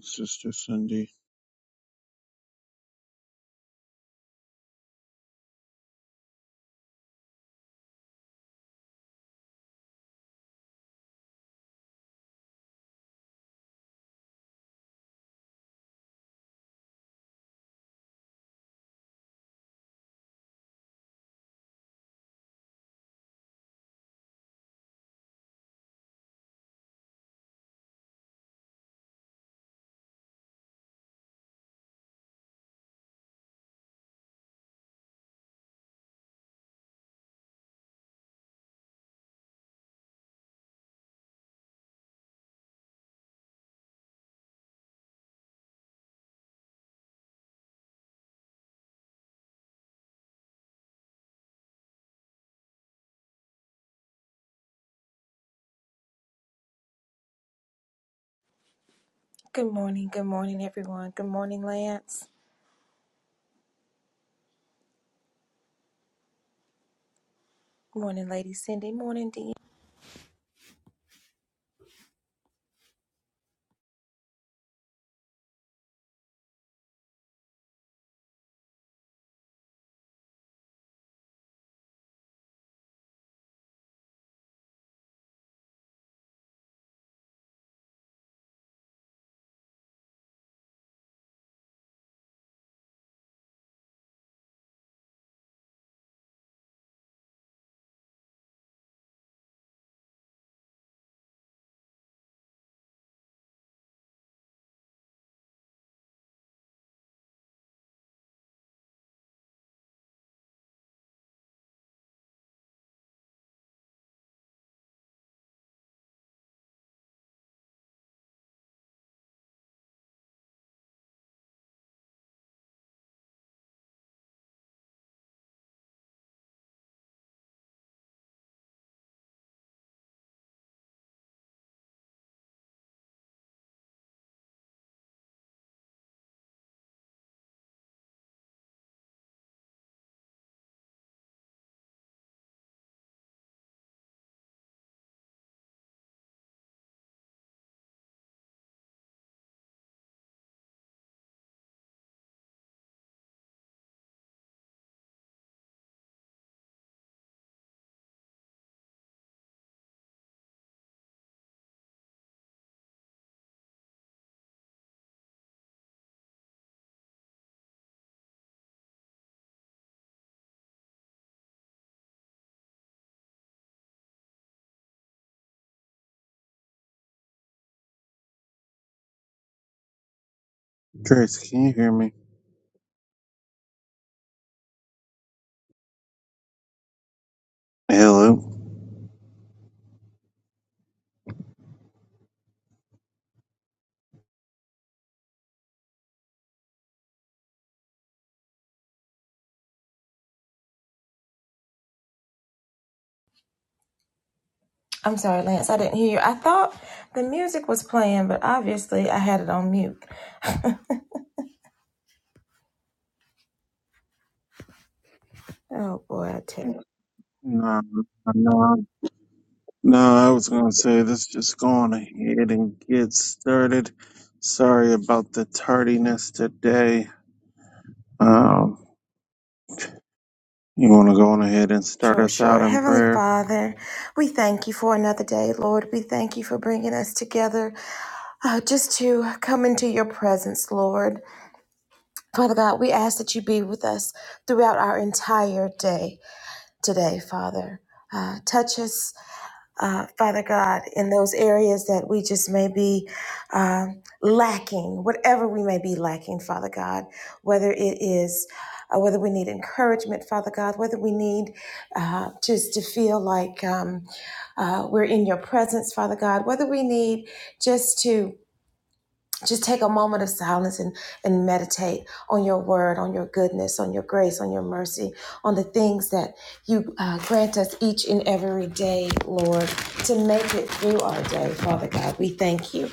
Sister Cindy. Good morning, good morning, everyone. Good morning, Lance. Good morning, Lady Cindy. Morning, Dee. Grace, can you hear me? Hello. I'm sorry, Lance, I didn't hear you. I thought the music was playing, but obviously I had it on mute. Oh boy, I tell you. No, no, no. I was gonna say let's just go on ahead and get started. Sorry about the tardiness today. Um, you want to go on ahead and start Sure, us out sure. in Heavenly prayer? Father, we thank you for another day, Lord. We thank you for bringing us together uh, just to come into your presence, Lord. Father God, we ask that you be with us throughout our entire day today, Father. Uh, touch us uh, Father God, in those areas that we just may be um lacking, whatever we may be lacking, Father God, whether it is uh, whether we need encouragement, Father God, whether we need uh, just to feel like um, uh, we're in your presence, Father God, whether we need just to just take a moment of silence and, and meditate on your word, on your goodness, on your grace, on your mercy, on the things that you uh, grant us each and every day, Lord, to make it through our day, Father God. We thank you.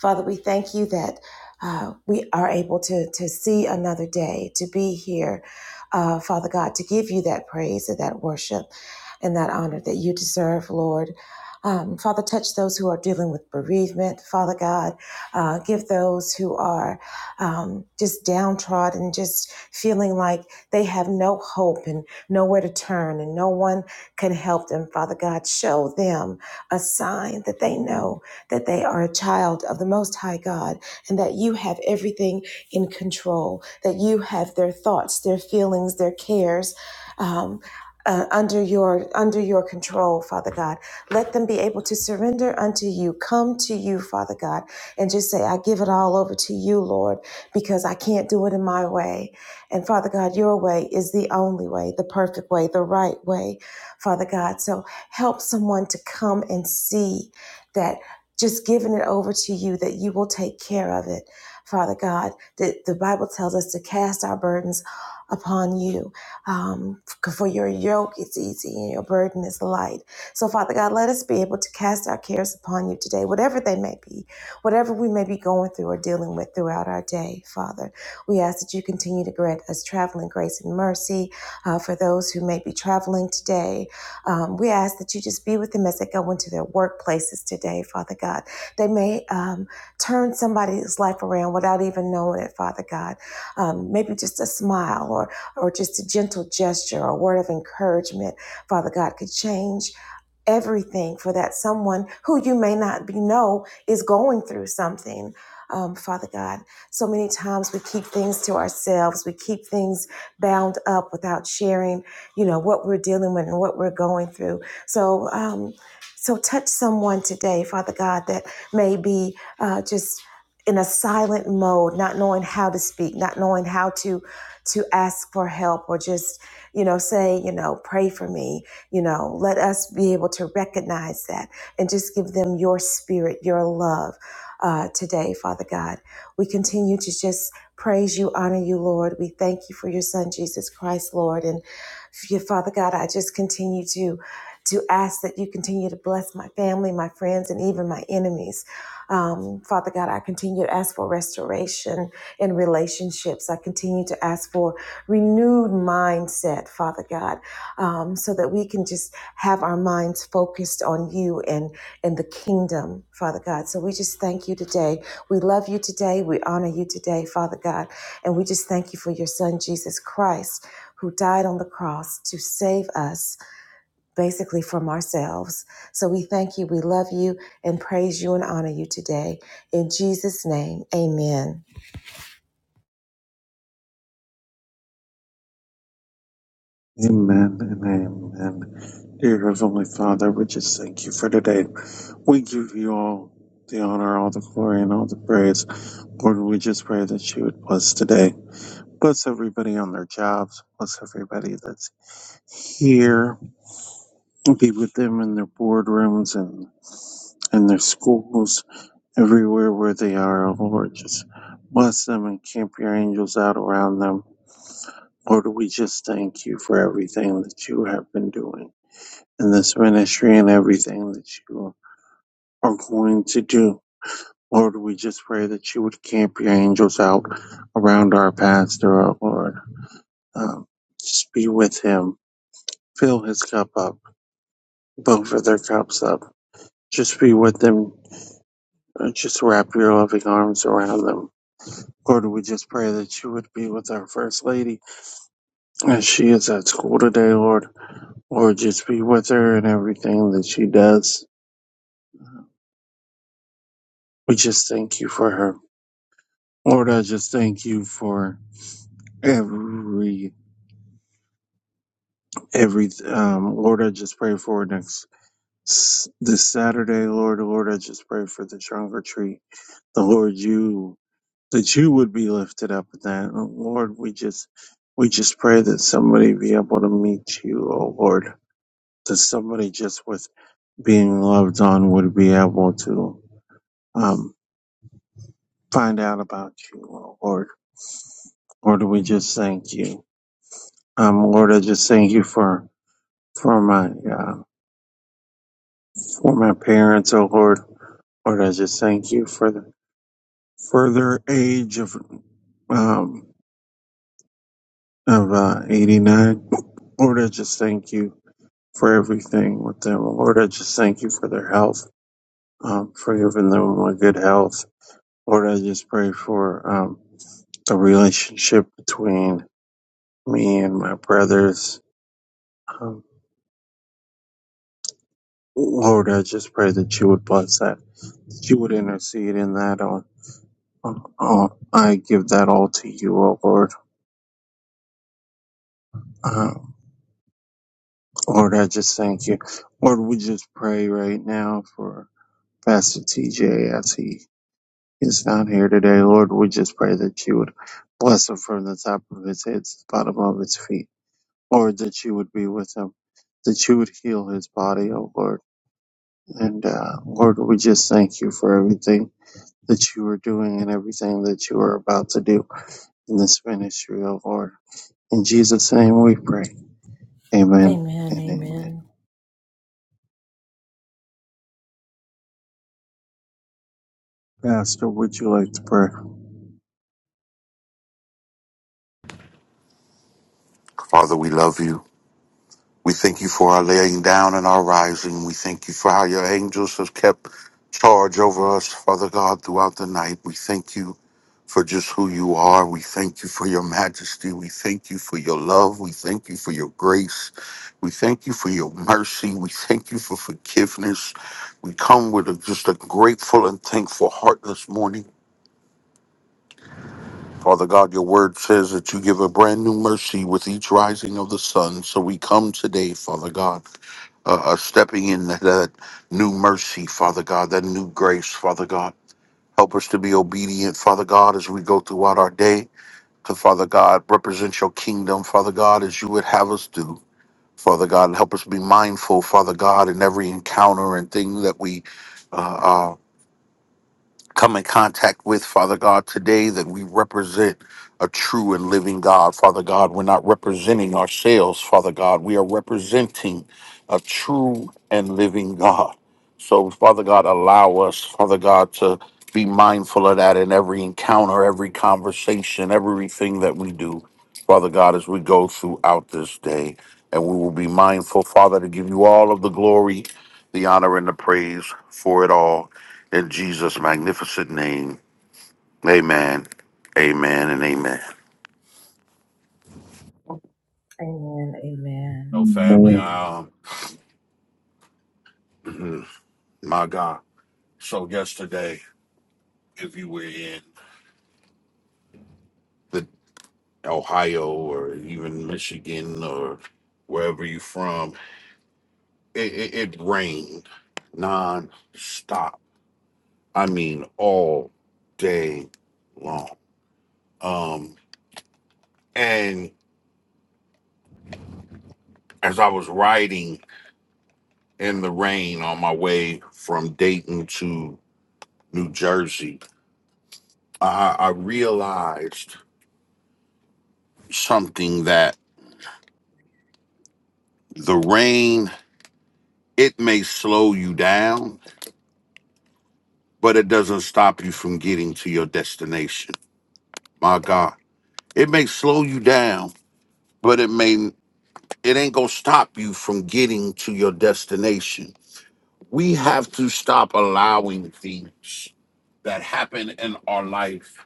Father, we thank you that uh, we are able to, to see another day, to be here, uh, Father God, to give you that praise and that worship and that honor that you deserve, Lord. Um, Father, touch those who are dealing with bereavement, Father God uh, give those who are um, just downtrodden, just feeling like they have no hope and nowhere to turn and no one can help them. Father God, show them a sign that they know that they are a child of the Most High God and that you have everything in control, that you have their thoughts, their feelings, their cares. Um, uh, under your under your control father god let them be able to surrender unto you come to you father god and just say, I give it all over to you, Lord, because I can't do it in my way. And Father God, your way is the only way, the perfect way, the right way, Father God. So help someone to come and see that just giving it over to you, that you will take care of it, Father God. The, the Bible tells us to cast our burdens upon you. Um, for your yoke is easy and your burden is light. So, Father God, let us be able to cast our cares upon you today, whatever they may be Whatever we may be going through or dealing with throughout our day, Father, we ask that you continue to grant us traveling grace and mercy uh, for those who may be traveling today. Um, we ask that you just be with them as they go into their workplaces today, Father God. They may um, turn somebody's life around without even knowing it, Father God. Um, maybe just a smile or or just a gentle gesture or a word of encouragement, Father God, could change everything for that someone who you may not be know is going through something. Um, Father God, so many times we keep things to ourselves. We keep things bound up without sharing, you know, what we're dealing with and what we're going through. So, um, so touch someone today, Father God, that may be uh, just in a silent mode, not knowing how to speak, not knowing how to to ask for help, or just you know say, you know, pray for me you know, let us be able to recognize that and just give them your spirit, your love uh, today, Father God. We continue to just praise you, honor you, Lord. We thank you for your Son, Jesus Christ, Lord. And f- yeah, Father God, I just continue to. To ask that you continue to bless my family, my friends, and even my enemies. Um, Father God, I continue to ask for restoration in relationships. I continue to ask for renewed mindset, Father God um, so that we can just have our minds focused on you and, and the kingdom, Father God. So we just thank you today. We love you today. We honor you today, Father God. And we just thank you for your son, Jesus Christ, who died on the cross to save us basically from ourselves. So we thank you, we love you, and praise you and honor you today. In Jesus' name, amen. Amen and amen. Dear Heavenly Father, we just thank you for today. We give you all the honor, all the glory, and all the praise. Lord, we just pray that you would bless today. Bless everybody on their jobs. Bless everybody that's here. Be with them in their boardrooms and in their schools, everywhere where they are, oh Lord. Just bless them and camp your angels out around them. Lord, we just thank you for everything that you have been doing in this ministry and everything that you are going to do. Lord, we just pray that you would camp your angels out around our pastor, oh Lord. Um, just be with him Fill his cup up. Both of their cups up. Just be with them. Uh, Just wrap your loving arms around them. Lord, we just pray that you would be with our First Lady as she is at school today, Lord. Lord, just be with her in everything that she does. We just thank you for her. Lord, I just thank you for every, every, um, Lord, I just pray for next, this Saturday, Lord. Lord, I just pray for the trunk or treat. The Lord, you that you would be lifted up in that. Oh, Lord, we just we just pray that somebody be able to meet you, oh Lord. That somebody just with being loved on would be able to um, find out about you, oh Lord. Lord, we just thank you. Um, Lord, I just thank you for for my uh, for my parents, oh Lord. Lord, I just thank you for the further age of um, of uh, eighty nine. Lord, I just thank you for everything with them. Lord, I just thank you for their health, um, for giving them a good health. Lord, I just pray for um, the relationship between me and my brothers. Um, Lord, I just pray that you would bless that, that you would intercede in that. On, on, on. I give that all to you, oh Lord. Uh, Lord, I just thank you. Lord, we just pray right now for Pastor TJ as he He's not here today, Lord. We just pray that you would bless him from the top of his head to the bottom of his feet. Lord, that you would be with him, that you would heal his body, oh Lord. And uh, Lord, we just thank you for everything that you are doing and everything that you are about to do in this ministry, oh Lord. In Jesus' name we pray. Amen Amen, and amen. amen, Pastor, would you like to pray? Father, we love you. We thank you for our laying down and our rising. We thank you for how your angels have kept charge over us, Father God, throughout the night. We thank you for just who you are. We thank you for your majesty. We thank you for your love. We thank you for your grace. We thank you for your mercy. We thank you for forgiveness. We come with a, just a grateful and thankful heart this morning. Father God, your word says that you give a brand new mercy with each rising of the sun. So we come today, Father God, uh, uh, stepping in that, that new mercy, Father God, that new grace, Father God. Help us to be obedient, Father God, as we go throughout our day to, Father God, represent your kingdom, Father God, as you would have us do. Father God, And help us be mindful, Father God, in every encounter and thing that we uh, are come in contact with, Father God, today that we represent a true and living God. Father God, we're not representing ourselves, Father God. We are representing a true and living God. So, Father God, allow us, Father God, to be mindful of that in every encounter, every conversation, everything that we do, Father God, as we go throughout this day. And we will be mindful, Father, to give you all of the glory, the honor, and the praise for it all. In Jesus' magnificent name, amen, amen, and amen. amen, amen. No family, Amen. i um, my God. So yesterday, if you were in the Ohio or even Michigan or wherever you're from, it, it, it rained non-stop. I mean, all day long. Um, and as I was riding in the rain on my way from Dayton to New Jersey, I, I realized something that the rain it may slow you down, but it doesn't stop you from getting to your destination. My God, it may slow you down, but it may it ain't gonna stop you from getting to your destination. We have to stop allowing things that happen in our life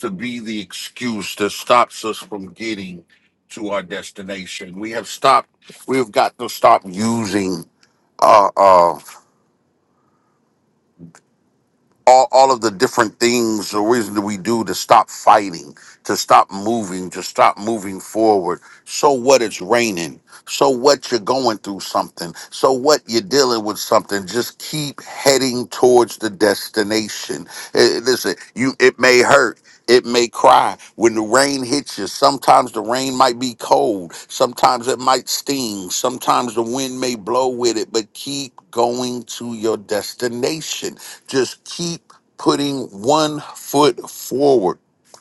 to be the excuse that stops us from getting to our destination. We have stopped. We've got to stop using Uh oh all, all of the different things or reasons that we do to stop fighting, to stop moving, to stop moving forward. So what it's raining. So what you're going through something. So what you're dealing with something. Just keep heading towards the destination. Eh, eh, listen, you it may hurt. It may cry when the rain hits you. Sometimes the rain might be cold. Sometimes it might sting. Sometimes the wind may blow with it, but keep going to your destination. Just keep putting one foot forward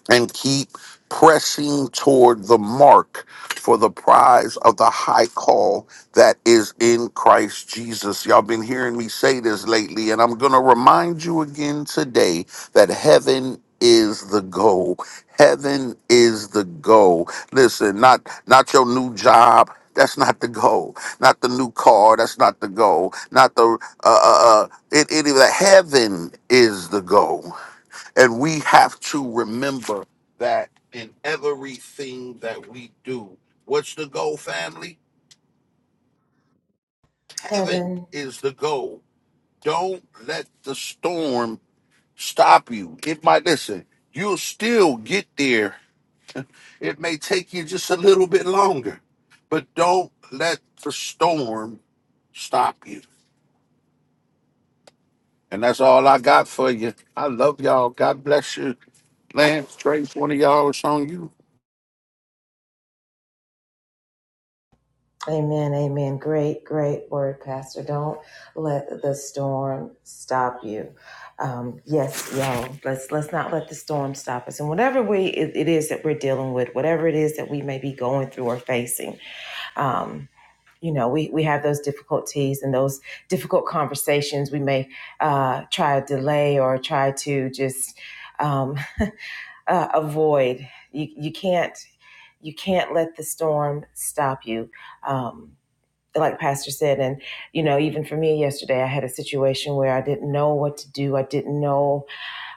and keep pressing toward the mark for the prize of the high call that is in Christ Jesus. Y'all been hearing me say this lately, and I'm going to remind you again today that heaven is the goal. Heaven is the goal. Listen, not not your new job. That's not the goal. Not the new car. That's not the goal. Not the uh, uh, uh, it, it, heaven is the goal. And we have to remember that in everything that we do, what's the goal, family? Heaven Heaven, is the goal. Don't let the storm stop you. It might, listen, you'll still get there. It may take you just a little bit longer, but don't let the storm stop you. And that's all I got for you. I love y'all. God bless you. Lance, Trace, one of y'all, it's on you. Amen, amen. Great, great word, Pastor. Don't let the storm stop you. Um, yes, y'all. Let's let's not let the storm stop us. And whatever we it, it is that we're dealing with, whatever it is that we may be going through or facing, um, you know, we we have those difficulties and those difficult conversations. We may uh, try to delay or try to just um, uh, avoid. You you can't you can't let the storm stop you. Um, like pastor said and you know even for me yesterday i had a situation where i didn't know what to do i didn't know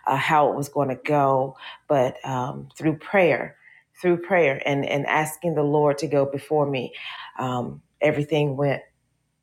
uh, how it was going to go but um, through prayer through prayer and and asking the lord to go before me um, everything went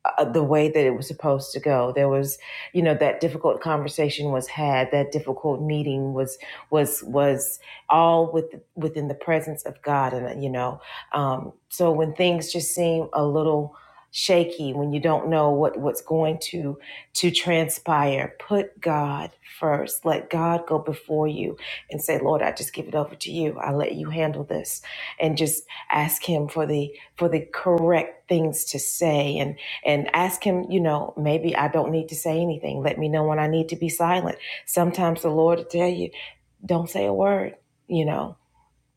uh, the way that it was supposed to go. There was, you know, that difficult conversation was had. That difficult meeting was was was all with within the presence of God, and uh, you know, um, so when things just seem a little shaky, when you don't know what what's going to to transpire, put God first. Let God go before you and say, Lord, I just give it over to you. I let you handle this, and just ask Him for the for the correct things to say and and ask him, you know, maybe I don't need to say anything. Let me know when I need to be silent. Sometimes the Lord will tell you, don't say a word, you know.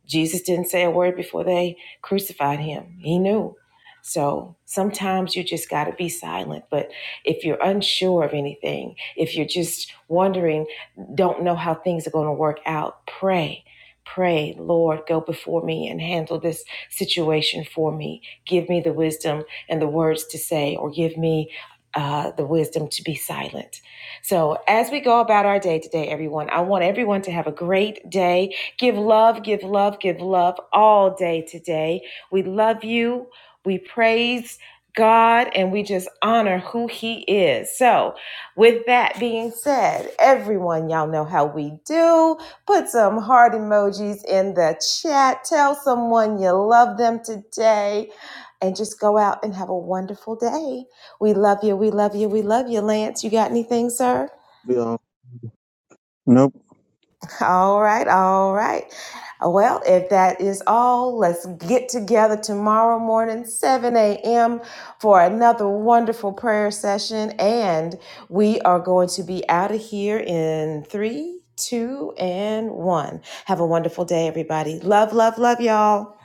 Jesus didn't say a word before they crucified him. He knew. So sometimes you just got to be silent. But if you're unsure of anything, if you're just wondering, don't know how things are going to work out, pray. Pray, Lord, go before me and handle this situation for me. Give me the wisdom and the words to say, or give me uh, the wisdom to be silent. So, as we go about our day today, everyone, I want everyone to have a great day Give love, give love, give love all day today. We love you. We praise God and we just honor who He is. So, with that being said, everyone, y'all know how we do. Put some heart emojis in the chat. Tell someone you love them today and just go out and have a wonderful day. We love you. We love you. We love you, Lance. You got anything, sir? Yeah. Nope. All right, all right. Well, if that is all, let's get together tomorrow morning, 7 a.m., for another wonderful prayer session. And we are going to be out of here in three, two, and one. Have a wonderful day, everybody. Love, love, love, y'all.